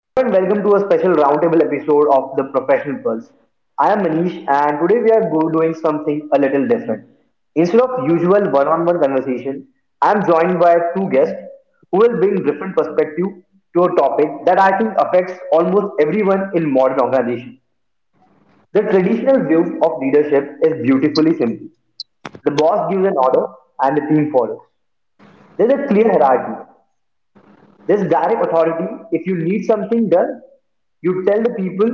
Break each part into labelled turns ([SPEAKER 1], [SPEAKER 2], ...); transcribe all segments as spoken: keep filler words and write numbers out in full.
[SPEAKER 1] Hello and welcome to a special roundtable episode of the Professional Pulse. I am Manish and today we are go- doing something a little different. Instead of usual one-on-one conversation, I am joined by two guests who will bring different perspective to a topic that I think affects almost everyone in modern organization. The traditional view of leadership is beautifully simple. The boss gives an order and the team follows. There's a clear hierarchy, there's direct authority. If you need something done, you tell the people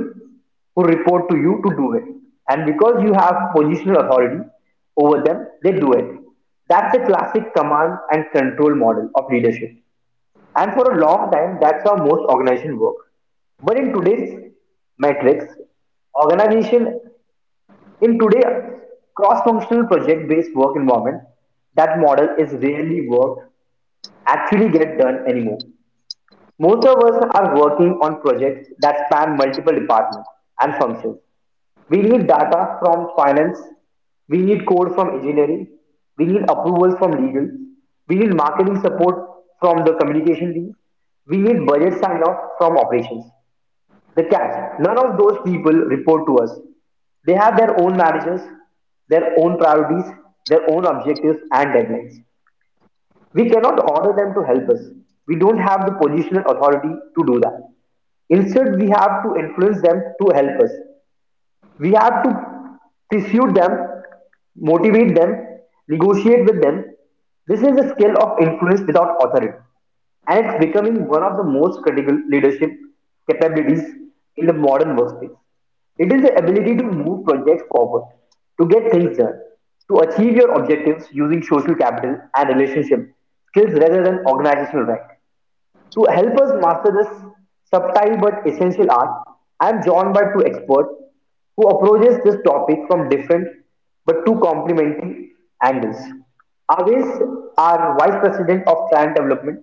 [SPEAKER 1] who report to you to do it. And because you have positional authority over them, they do it. That's a classic command and control model of leadership. And for a long time, that's how most organizations work. But in today's metrics, organization in today's cross-functional project-based work environment, that model is rarely work actually get done anymore. Most of us are working on projects that span multiple departments and functions. We need data from finance, we need code from engineering, we need approvals from legal, we need marketing support from the communication team, we need budget sign off from operations. The catch none of those people report to us. They have their own managers, their own priorities, their own objectives and deadlines. We cannot order them to help us. We don't have the positional authority to do that. Instead, we have to influence them to help us. We have to pursue them, motivate them, negotiate with them. This is the skill of influence without authority, and it's becoming one of the most critical leadership capabilities in the modern workspace. It is the ability to move projects forward, to get things done, to achieve your objectives using social capital and relationship skills rather than organizational rank. To help us master this subtle but essential art, I am joined by two experts who approaches this topic from different but two complementary angles. Aves are Vice President of Client Development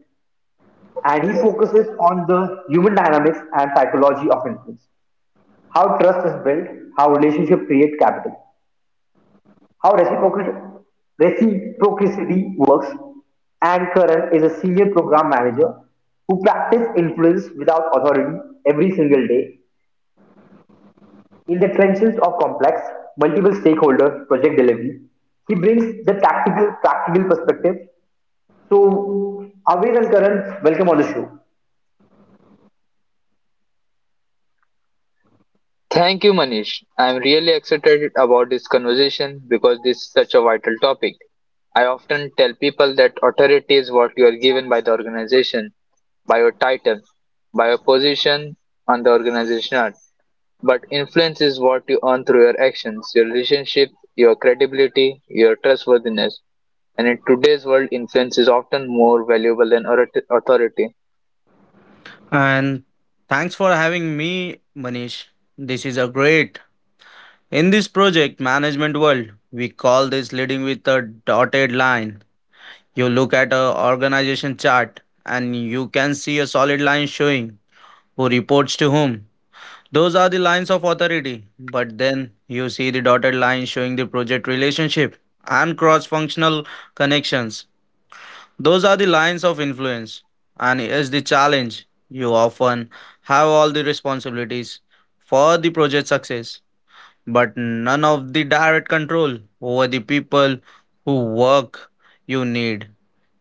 [SPEAKER 1] and he focuses on the human dynamics and psychology of influence, how trust is built, how relationship create capital. How reciprocity works, Anne Curran is a senior program manager who practices influence without authority every single day. In the trenches of complex, multiple stakeholder project delivery, he brings the tactical, practical perspective. So, Aviz and Karan, welcome on the show.
[SPEAKER 2] Thank you, Manish. I'm really excited about this conversation because this is such a vital topic. I often tell people that authority is what you are given by the organization, by your title, by your position on the organization chart. But influence is what you earn through your actions, your relationship, your credibility, your trustworthiness. And in today's world, influence is often more valuable than authority.
[SPEAKER 3] And thanks for having me, Manish. This is a great. In this project management world, we call this leading with a dotted line. You look at a organization chart and you can see a solid line showing who reports to whom. Those are the lines of authority, but then you see the dotted line showing the project relationship and cross functional connections. Those are the lines of influence, and is the challenge. You often have all the responsibilities for the project success, but none of the direct control over the people who work you need.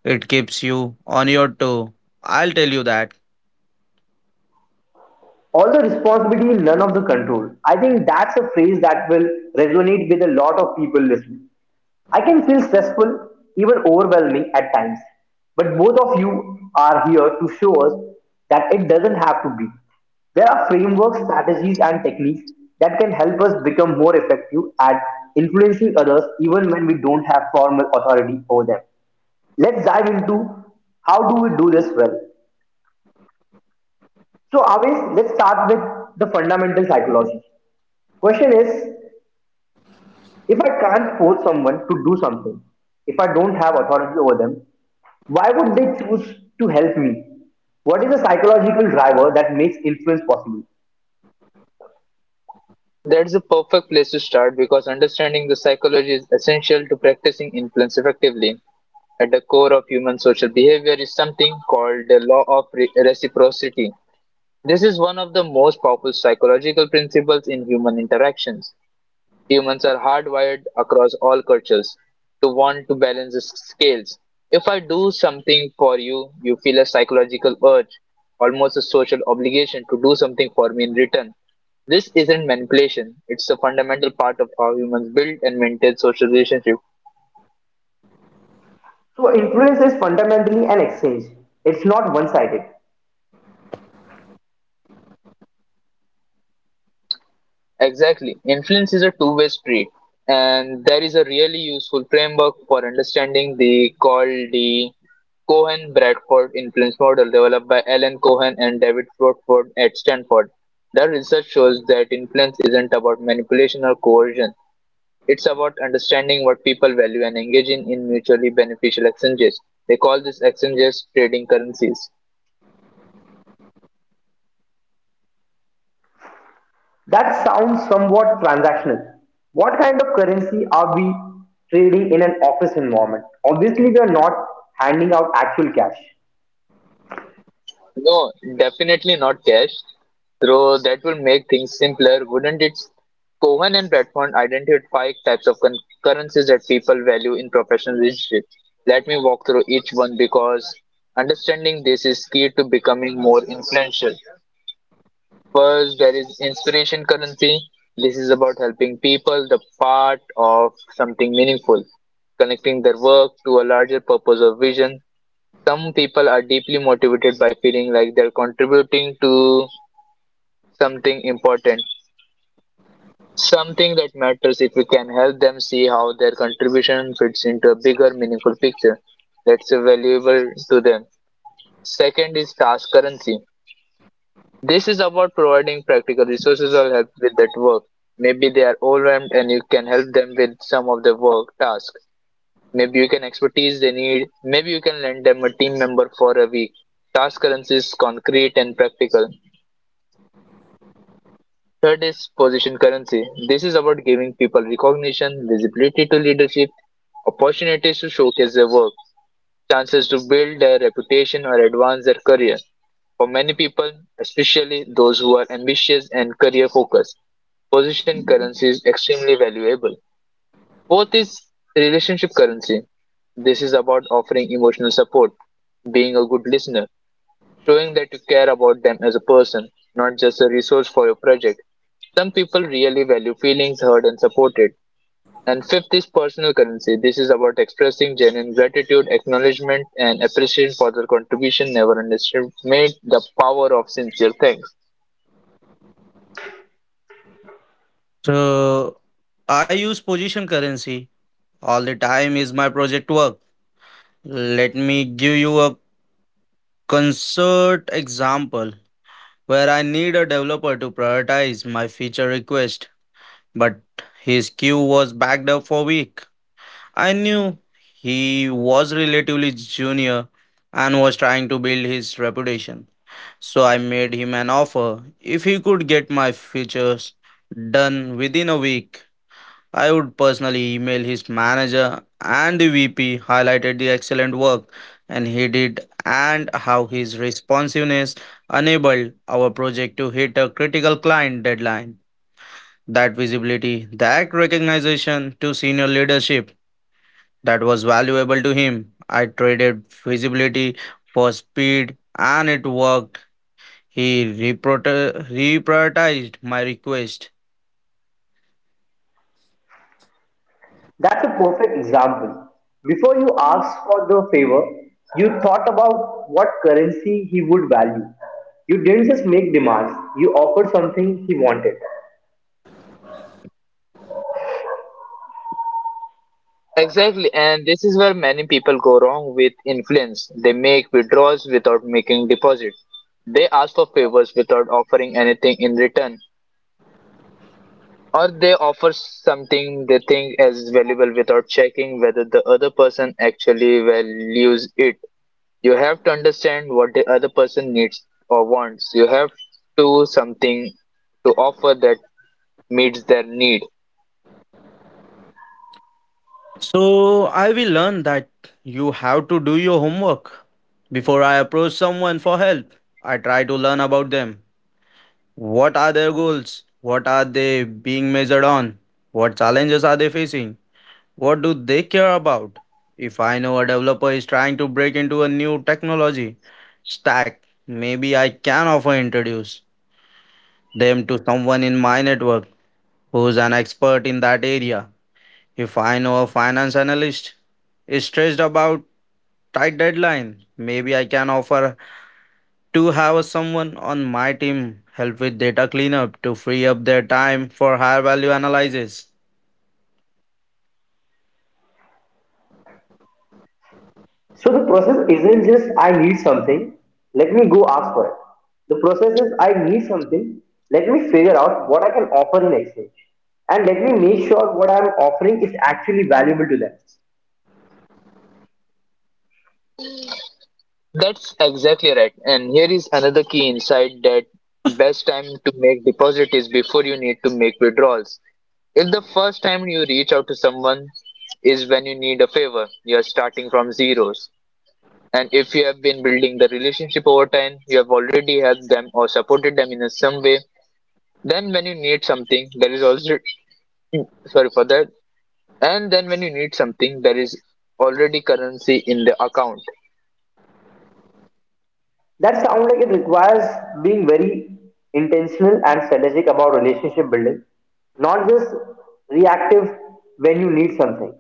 [SPEAKER 3] It keeps you on your toe. I'll tell you that.
[SPEAKER 1] All the responsibility, none of the control. I think that's a phrase that will resonate with a lot of people listening. I can feel stressful, even overwhelming at times. But both of you are here to show us that it doesn't have to be. There are frameworks, strategies, and techniques that can help us become more effective at influencing others even when we don't have formal authority over them. Let's dive into how do we do this well. So, always let's start with the fundamental psychology. Question is if I can't force someone to do something, if I don't have authority over them, why would they choose to help me? What is the psychological driver that makes influence possible?
[SPEAKER 2] That's a perfect place to start because understanding the psychology is essential to practicing influence effectively. At the core of human social behavior is something called the law of re- reciprocity. This is one of the most powerful psychological principles in human interactions. Humans are hardwired across all cultures to want to balance the scales. If I do something for you, you feel a psychological urge, almost a social obligation to do something for me in return. This isn't manipulation, it's a fundamental part of how humans build and maintain social relationships.
[SPEAKER 1] So, influence is fundamentally an exchange, it's not one sided.
[SPEAKER 2] Exactly. Influence is a two-way street, and there is a really useful framework for understanding the called the Cohen-Bradford influence model developed by Alan Cohen and David Bradford at Stanford. Their research shows that influence isn't about manipulation or coercion. It's about understanding what people value and engaging in mutually beneficial exchanges. They call these exchanges trading currencies.
[SPEAKER 1] That sounds somewhat transactional. What kind of currency are we trading in an office environment? Obviously, we are not handing out actual cash.
[SPEAKER 2] No, definitely not cash. Though that will make things simpler, wouldn't it? Cohen and Platform identify types of con- currencies that people value in professional relationships. Let me walk through each one because understanding this is key to becoming more influential. First, there is inspiration currency. This is about helping people the part of something meaningful, connecting their work to a larger purpose or vision. Some people are deeply motivated by feeling like they're contributing to something important, something that matters if we can help them see how their contribution fits into a bigger meaningful picture that's valuable to them. Second is task currency. This is about providing practical resources or help with that work. Maybe they are overwhelmed and you can help them with some of the work tasks. Maybe you can expertise they need. Maybe you can lend them a team member for a week. Task currency is concrete and practical. Third is position currency. This is about giving people recognition, visibility to leadership, opportunities to showcase their work, chances to build their reputation or advance their career. For many people, especially those who are ambitious and career focused, position currency is extremely valuable. Fourth is relationship currency. This is about offering emotional support, being a good listener, showing that you care about them as a person, not just a resource for your project. Some people really value feelings heard and supported. And fifth is personal currency. This is about expressing genuine gratitude, acknowledgement, and appreciation for their contribution. Never underestimate the power of sincere thanks.
[SPEAKER 3] So I use position currency all the time is my project work. Let me give you a concert example, where I need a developer to prioritize my feature request, but his queue was backed up for a week. I knew he was relatively junior and was trying to build his reputation. So I made him an offer if he could get my features done within a week. I would personally email his manager and the V P, highlighted the excellent work and he did and how his responsiveness enabled our project to hit a critical client deadline. That visibility, that recognition to senior leadership, that was valuable to him. I traded visibility for speed and it worked. He reprota- reprioritized my request.
[SPEAKER 1] That's a perfect example. Before you asked for the favor, you thought about what currency he would value. You didn't just make demands, you offered something he wanted.
[SPEAKER 2] Exactly, and this is where many people go wrong with influence. They make withdrawals without making deposits. They ask for favors without offering anything in return. Or they offer something they think is valuable without checking whether the other person actually values it. You have to understand what the other person needs or wants. You have to something to offer that meets their need.
[SPEAKER 3] So I will learn that you have to do your homework. Before I approach someone for help, I try to learn about them. What are their goals? What are they being measured on? What challenges are they facing? What do they care about? If I know a developer is trying to break into a new technology stack, maybe I can offer introduce them to someone in my network who's an expert in that area. If I know a finance analyst is stressed about tight deadline, maybe I can offer to have someone on my team help with data cleanup to free up their time for higher value analysis.
[SPEAKER 1] So the process isn't just I need something, let me go ask for it. The process is I need something, let me figure out what I can offer in exchange. And let me make sure what I'm offering is actually valuable to them.
[SPEAKER 2] That's exactly right. And here is another key insight that best time to make deposit is before you need to make withdrawals. If the first time you reach out to someone is when you need a favor, you are starting from zeros. And if you have been building the relationship over time, you have already helped them or supported them in some way. Then when you need something, there is also sorry for that. And then when you need something, there is already currency in the account.
[SPEAKER 1] That sounds like it requires being very intentional and strategic about relationship building, not just reactive when you need something.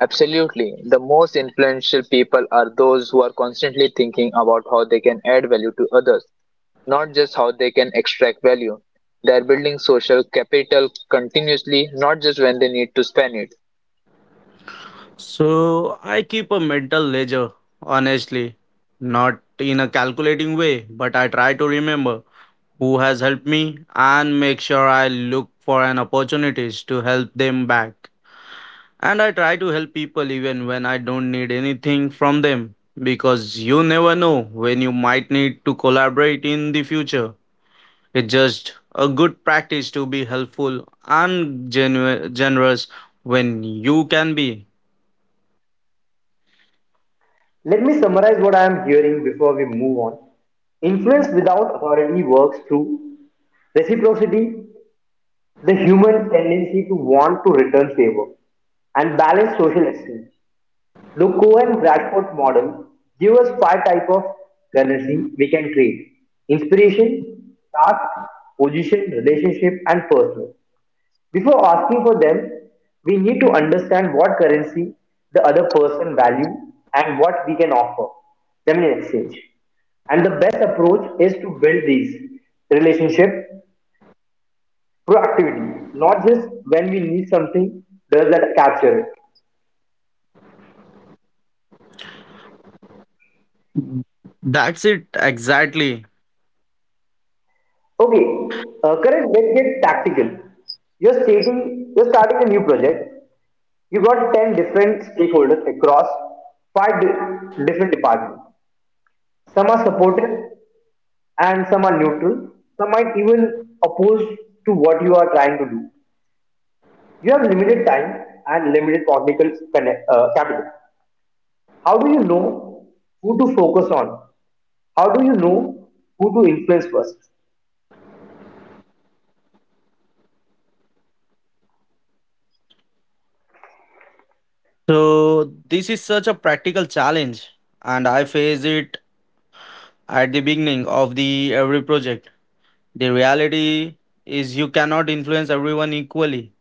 [SPEAKER 2] Absolutely. The most influential people are those who are constantly thinking about how they can add value to others, not just how they can extract value. They are building social capital continuously, not just when they need to spend it.
[SPEAKER 3] So I keep a mental ledger, honestly. Not in a calculating way, but I try to remember who has helped me and make sure I look for an opportunities to help them back. And I try to help people even when I don't need anything from them, because you never know when you might need to collaborate in the future. It's just a good practice to be helpful and genu- generous when you can be.
[SPEAKER 1] Let me summarize what I am hearing before we move on. Influence without authority works through reciprocity, the human tendency to want to return favor and balance social exchange. The Cohen-Bradford model gives us five types of currency we can create. Inspiration, task, position, relationship, and personal. Before asking for them, we need to understand what currency the other person values and what we can offer them in exchange. And the best approach is to build these relationship proactivity, not just when we need something, does that capture it?
[SPEAKER 3] That's it exactly.
[SPEAKER 1] Okay, uh, correct. Let's get tactical. You're stating, you're starting a new project. You got ten different stakeholders across five di- different departments. Some are supportive, and some are neutral. Some might even oppose to what you are trying to do. You have limited time and limited technical connect, uh, capital. How do you know who to focus on? How do you know who to influence first?
[SPEAKER 3] So this is such a practical challenge and I face it at the beginning of the every project. The reality is you cannot influence everyone equally.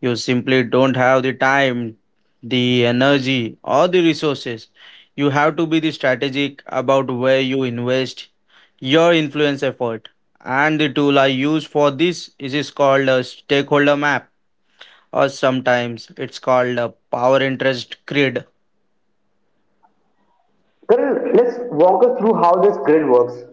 [SPEAKER 3] You simply don't have the time, the energy, or the resources. You have to be the strategic about where you invest your influence effort. And the tool I use for this is is called a stakeholder map, or sometimes it's called a power interest grid.
[SPEAKER 1] Karan, let's walk us through how this grid works.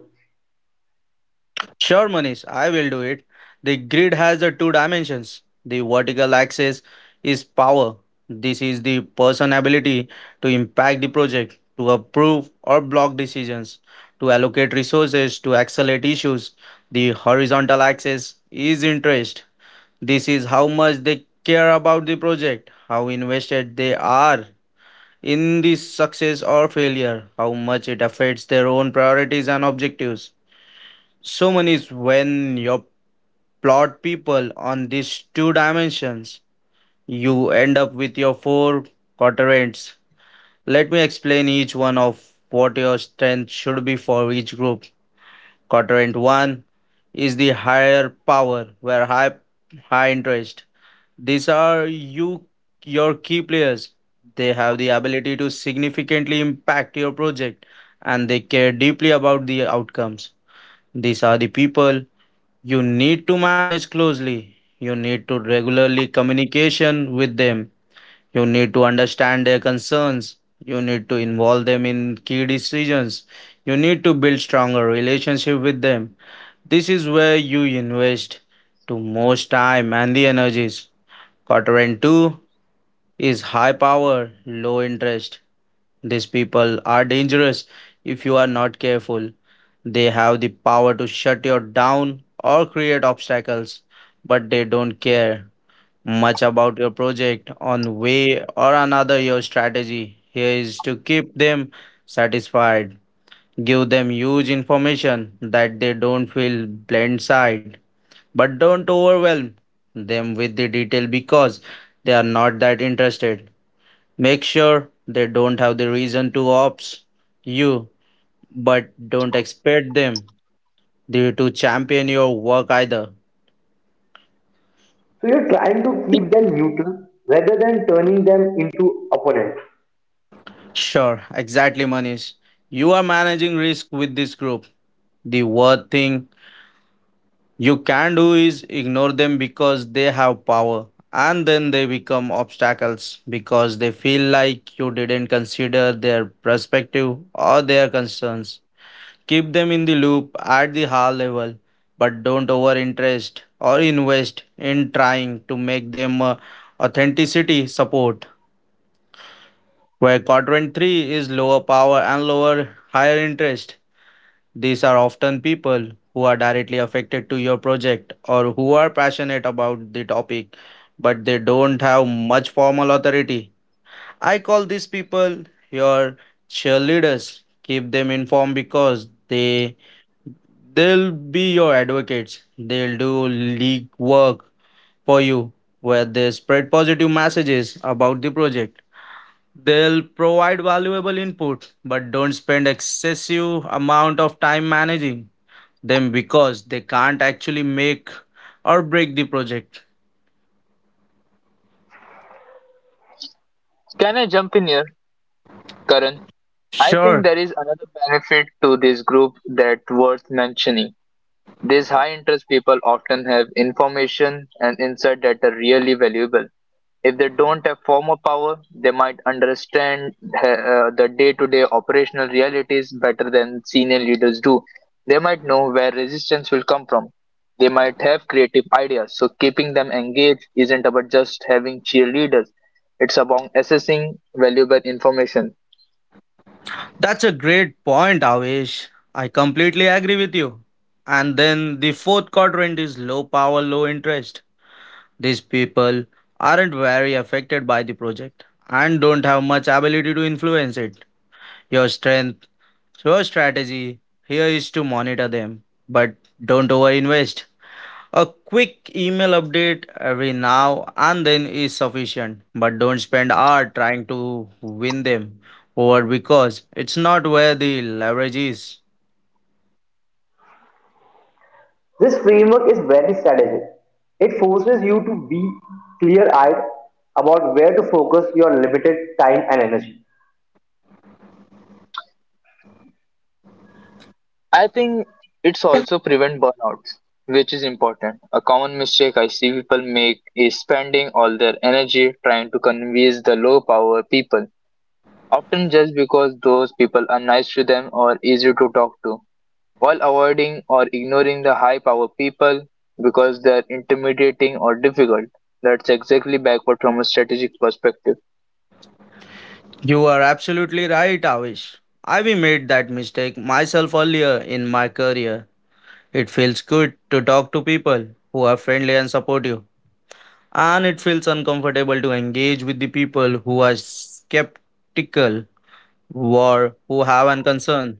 [SPEAKER 3] Sure, Manish, I will do it. The grid has the two dimensions. The vertical axis is power. This is the person ability to impact the project, to approve or block decisions, to allocate resources, to accelerate issues. The horizontal axis is interest. This is how much they care about the project, how invested they are in the success or failure, how much it affects their own priorities and objectives. So many is when you plot people on these two dimensions, you end up with your four quadrants. Let me explain each one of what your strength should be for each group. Quadrant one is the higher power where high high interest. These are you your key players. They have the ability to significantly impact your project and they care deeply about the outcomes. These are the people you need to manage closely. You need to regularly communication with them. You need to understand their concerns. You need to involve them in key decisions. You need to build stronger relationship with them. This is where you invest to most time and the energies. Quadrant two is high power, low interest. These people are dangerous if you are not careful. They have the power to shut you down or create obstacles, but they don't care much about your project on way or another. Your strategy here is to keep them satisfied. Give them huge information that they don't feel blindsided, but don't overwhelm them with the detail because they are not that interested. Make sure they don't have the reason to opt you, but don't expect them to to champion your work either.
[SPEAKER 1] So you're trying to keep them neutral rather than turning them into opponents.
[SPEAKER 3] Sure, exactly, Manish. You are managing risk with this group. The worst thing you can do is ignore them because they have power and then they become obstacles because they feel like you didn't consider their perspective or their concerns. Keep them in the loop at the high level, but don't over interest or invest in trying to make them uh, authenticity support. Where quadrant three is lower power and lower higher interest, these are often people who are directly affected to your project or who are passionate about the topic, but they don't have much formal authority. I call these people your cheerleaders. Keep them informed because they they'll be your advocates. They'll do league work for you where they spread positive messages about the project. They'll provide valuable input, but don't spend excessive amount of time managing them because they can't actually make or break the project.
[SPEAKER 2] Can I jump in here, Karan? I think
[SPEAKER 3] Sure,
[SPEAKER 2] there is another benefit to this group that worth mentioning. These high interest people often have information and insight that are really valuable. If they don't have formal power, they might understand uh, uh, the day to day operational realities better than senior leaders do. They might know where resistance will come from. They might have creative ideas, so keeping them engaged isn't about just having cheerleaders. It's about assessing valuable information.
[SPEAKER 3] that's a great point, Avish. I completely agree with you. And then the fourth quadrant is low power, low interest. These people aren't very affected by the project and don't have much ability to influence it. Your strength, your strategy here is to monitor them, but don't overinvest. A quick email update every now and then is sufficient, but don't spend hours trying to win them over because it's not where the leverage is.
[SPEAKER 1] This framework is very strategic. It forces you to be clear-eyed about where to focus your limited time and energy.
[SPEAKER 2] I think it's also prevent burnouts, which is important. A common mistake I see people make is spending all their energy trying to convince the low power people, often just because those people are nice to them or easy to talk to, while avoiding or ignoring the high power people because they are intimidating or difficult. That's exactly backward from a strategic perspective.
[SPEAKER 3] You are absolutely right, Avish. I've made that mistake myself earlier in my career. It feels good to talk to people who are friendly and supportive, and it feels uncomfortable to engage with the people who are skeptical or who have an concern.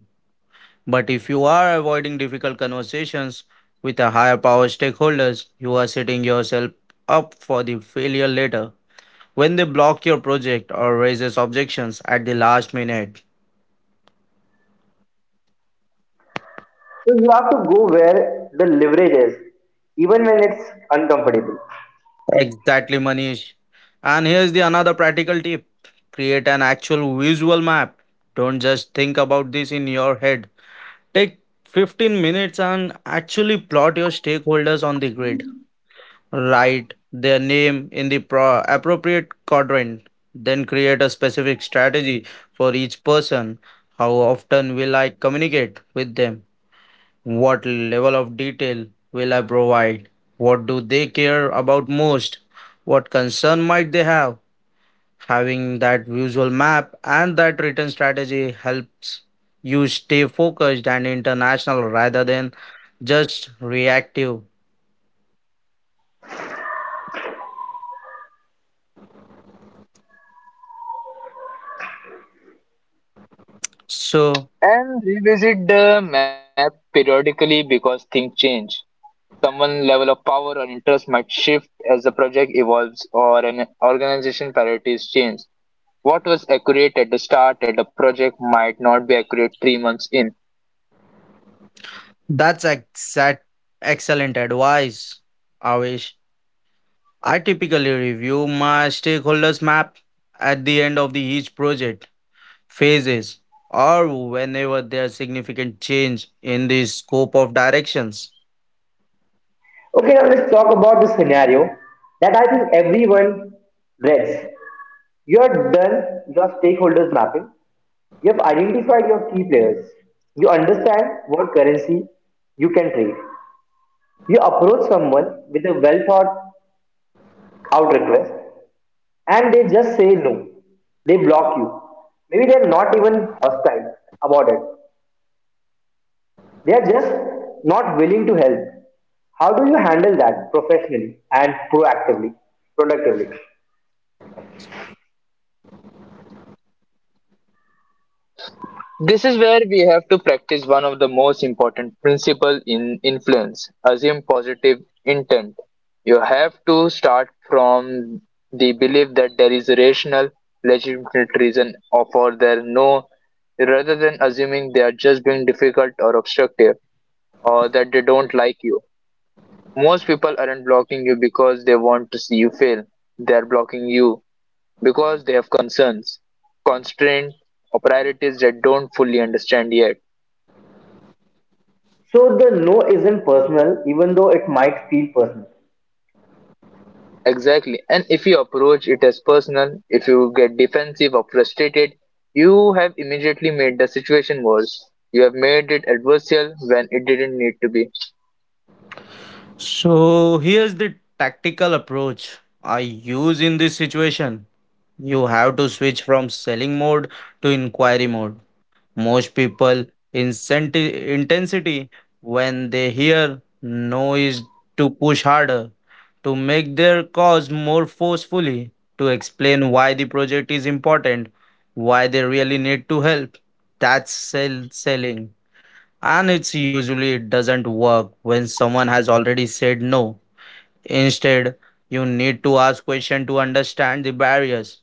[SPEAKER 3] But if you are avoiding difficult conversations with a higher power stakeholders, you are setting yourself up for the failure later when they block your project or raises objections at the last minute.
[SPEAKER 1] So you have to go where the leverage is, even when it's uncomfortable.
[SPEAKER 3] Exactly, Manish. And here's the another practical tip. Create an actual visual map. Don't just think about this in your head. Take fifteen minutes and actually plot your stakeholders on the grid. Write their name in the pro- appropriate quadrant. Then create a specific strategy for each person. How often will I communicate with them? What level of detail will I provide? What do they care about most? What concern might they have? Having that visual map and that written strategy helps you stay focused and international rather than just reactive. So
[SPEAKER 2] And revisit the map periodically because things change. Someone level of power or interest might shift as the project evolves or an organization priorities change. What was accurate at the start at the project might not be accurate three months in.
[SPEAKER 3] that's exact excellent advice, Avish. I typically review my stakeholders map at the end of the each project phases, or whenever there's significant change in the scope of directions.
[SPEAKER 1] Okay, now let's talk about the scenario that I think everyone dreads. You have done your stakeholders mapping. You have identified your key players. You understand what currency you can trade. You approach someone with a well thought out request and they just say no. They block you. Maybe they're not even hostile about it. They're just not willing to help. How do you handle that professionally and proactively, productively?
[SPEAKER 2] This is where we have to practice one of the most important principles in influence assume positive intent. You have to start from the belief that there is a rational, legitimate reason for their no, rather than assuming they are just being difficult or obstructive, or that they don't like you. Most people aren't blocking you because they want to see you fail. They're blocking you because they have concerns, constraints, or priorities that don't fully understand yet.
[SPEAKER 1] So the no isn't personal, even though it might feel personal.
[SPEAKER 2] Exactly. And if you approach it as personal, if you get defensive or frustrated, you have immediately made the situation worse. You have made it adversarial when it didn't need to be.
[SPEAKER 3] So, here's the tactical approach I use in this situation. You have to switch from selling mode to inquiry mode. Most people incenti- intensity when they hear no is to push harder, to make their cause more forcefully, to explain why the project is important, why they really need to help. That's sell- selling. And it's usually it doesn't work when someone has already said no. Instead, you need to ask questions to understand the barriers.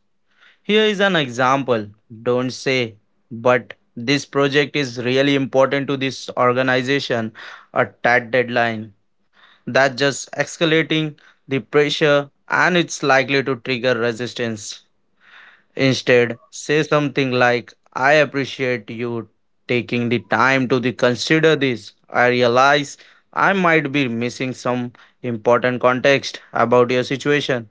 [SPEAKER 3] Here is an example. Don't say, but this project is really important to this organization, a tight deadline. That just escalating the pressure and it's likely to trigger resistance. Instead, say something like, I appreciate you taking the time to the- consider this. I realize I might be missing some important context about your situation.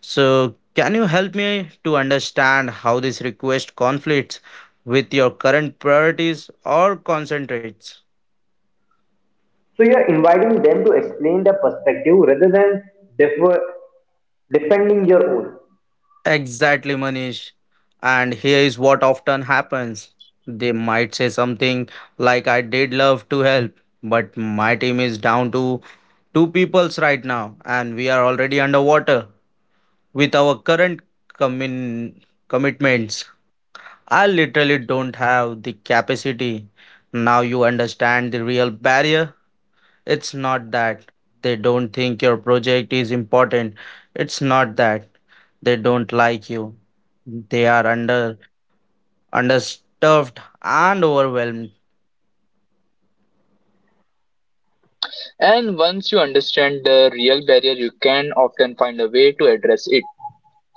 [SPEAKER 3] So, can you help me to understand how this request conflicts with your current priorities or concentrates?
[SPEAKER 1] So you're inviting them to explain their perspective rather than defer, defending your own.
[SPEAKER 3] Exactly, Manish. And here is what often happens. They might say something like, I did love to help, but my team is down to two peoples right now, and we are already underwater with our current commin- commitments. I literally don't have the capacity. Now you understand the real barrier. It's not that they don't think your project is important. It's not that they don't like you. They are under understuffed and overwhelmed.
[SPEAKER 2] And once you understand the real barrier, you can often find a way to address it.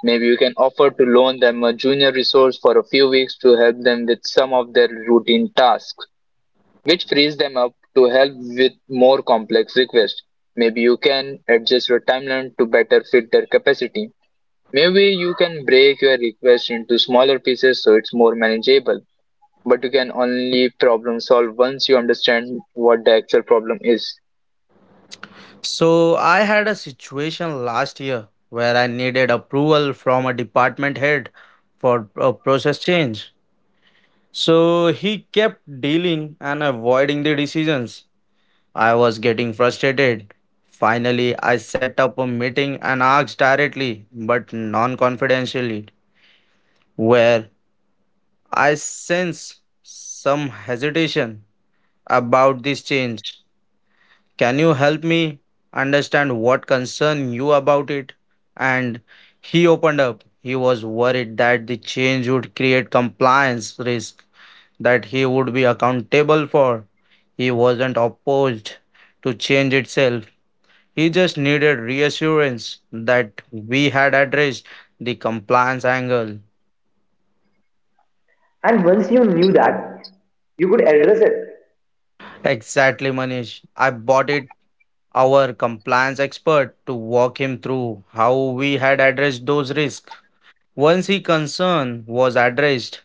[SPEAKER 2] Maybe you can offer to loan them a junior resource for a few weeks to help them with some of their routine tasks, which frees them up to help with more complex requests. Maybe you can adjust your timeline to better fit their capacity. Maybe you can break your request into smaller pieces so it's more manageable. But you can only problem solve once you understand what the actual problem is.
[SPEAKER 3] So I had a situation last year where I needed approval from a department head for a process change. So he kept dealing and avoiding the decisions. I was getting frustrated. Finally, I set up a meeting and asked directly, but non confidentially, where I sense some hesitation about this change. Can you help me understand what concern you about it? And he opened up. He was worried that the change would create compliance risk that he would be accountable for. He wasn't opposed to change itself. He just needed reassurance that we had addressed the compliance angle.
[SPEAKER 1] And once you knew that, you could address it.
[SPEAKER 3] Exactly, Manish. I bought it our compliance expert to walk him through how we had addressed those risks. Once his concern was addressed,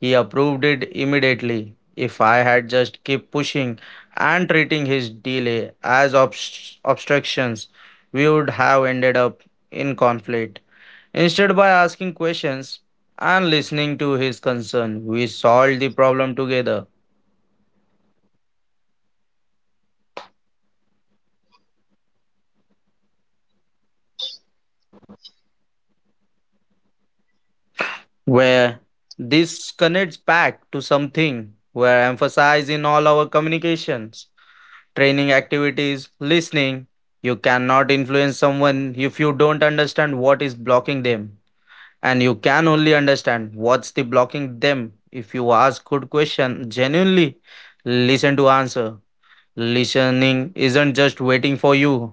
[SPEAKER 3] he approved it immediately. If I had just kept pushing and treating his delay as obst- obstructions, we would have ended up in conflict. Instead, by asking questions and listening to his concern, we solved the problem together. Where this connects back to something we're emphasizing in all our communications, training activities, listening. You cannot influence someone if you don't understand what is blocking them. And you can only understand what's the blocking them if you ask good question genuinely listen to answer. Listening isn't just waiting for you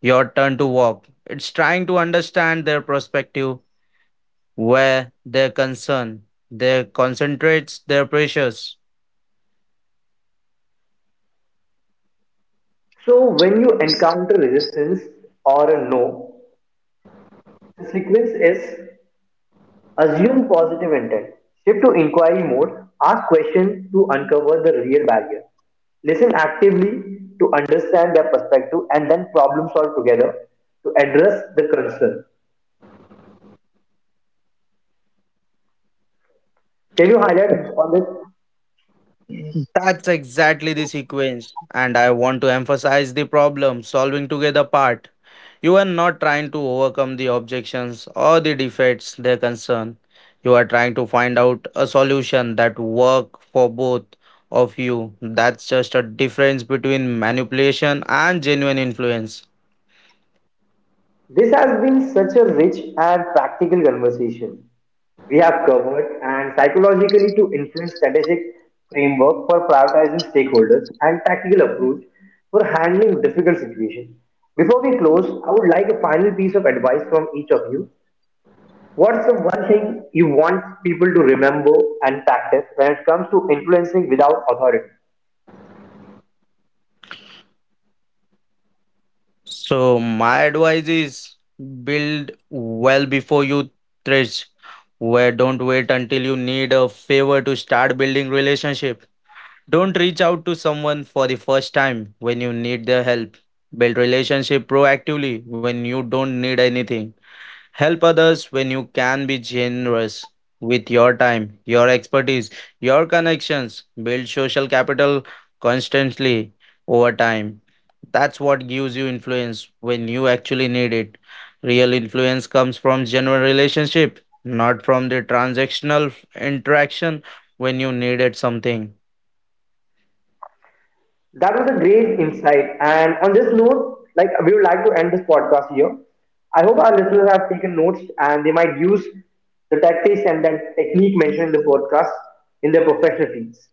[SPEAKER 3] your turn to walk. It's trying to understand their perspective, where their concern, their concentrates, their pressures.
[SPEAKER 1] So when you encounter resistance or a no, the sequence is assume positive intent, shift to inquiry mode, ask questions to uncover the real barrier, listen actively to understand their perspective, and then problem solve together to address the concern. Can you highlight on this?
[SPEAKER 3] That's exactly the sequence, and I want to emphasize the problem solving together part. You are not trying to overcome the objections or the defects they concern. You are trying to find out a solution that work for both of you. That's just a difference between manipulation and genuine influence.
[SPEAKER 1] This has been such a rich and practical conversation. We have covered and psychologically to influence strategic framework for prioritizing stakeholders and tactical approach for handling difficult situations. Before we close, I would like a final piece of advice from each of you. What's the one thing you want people to remember and practice when it comes to influencing without authority?
[SPEAKER 3] So my advice is build well before you thresh. Where don't wait until you need a favor to start building relationship. Don't reach out to someone for the first time when you need their help. Build relationship proactively when you don't need anything. Help others when you can be generous with your time, your expertise, your connections. Build social capital constantly over time. That's what gives you influence when you actually need it. Real influence comes from genuine relationship, not from the transactional interaction when you needed something.
[SPEAKER 1] That was a great insight. And on this note, like we would like to end this podcast here. I hope our listeners have taken notes and they might use the tactics and that technique mentioned in the podcast in their professional fields.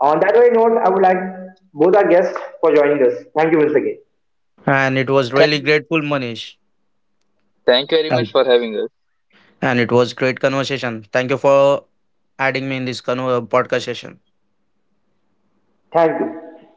[SPEAKER 1] On that very note, I would like both our guests for joining us. Thank you once again.
[SPEAKER 3] And it was really
[SPEAKER 2] Thank,
[SPEAKER 3] grateful, Manish.
[SPEAKER 2] thank you very
[SPEAKER 3] And
[SPEAKER 2] much for having us.
[SPEAKER 3] and it was great conversation. Thank you for adding me in this convo- podcast session.
[SPEAKER 1] Thank you.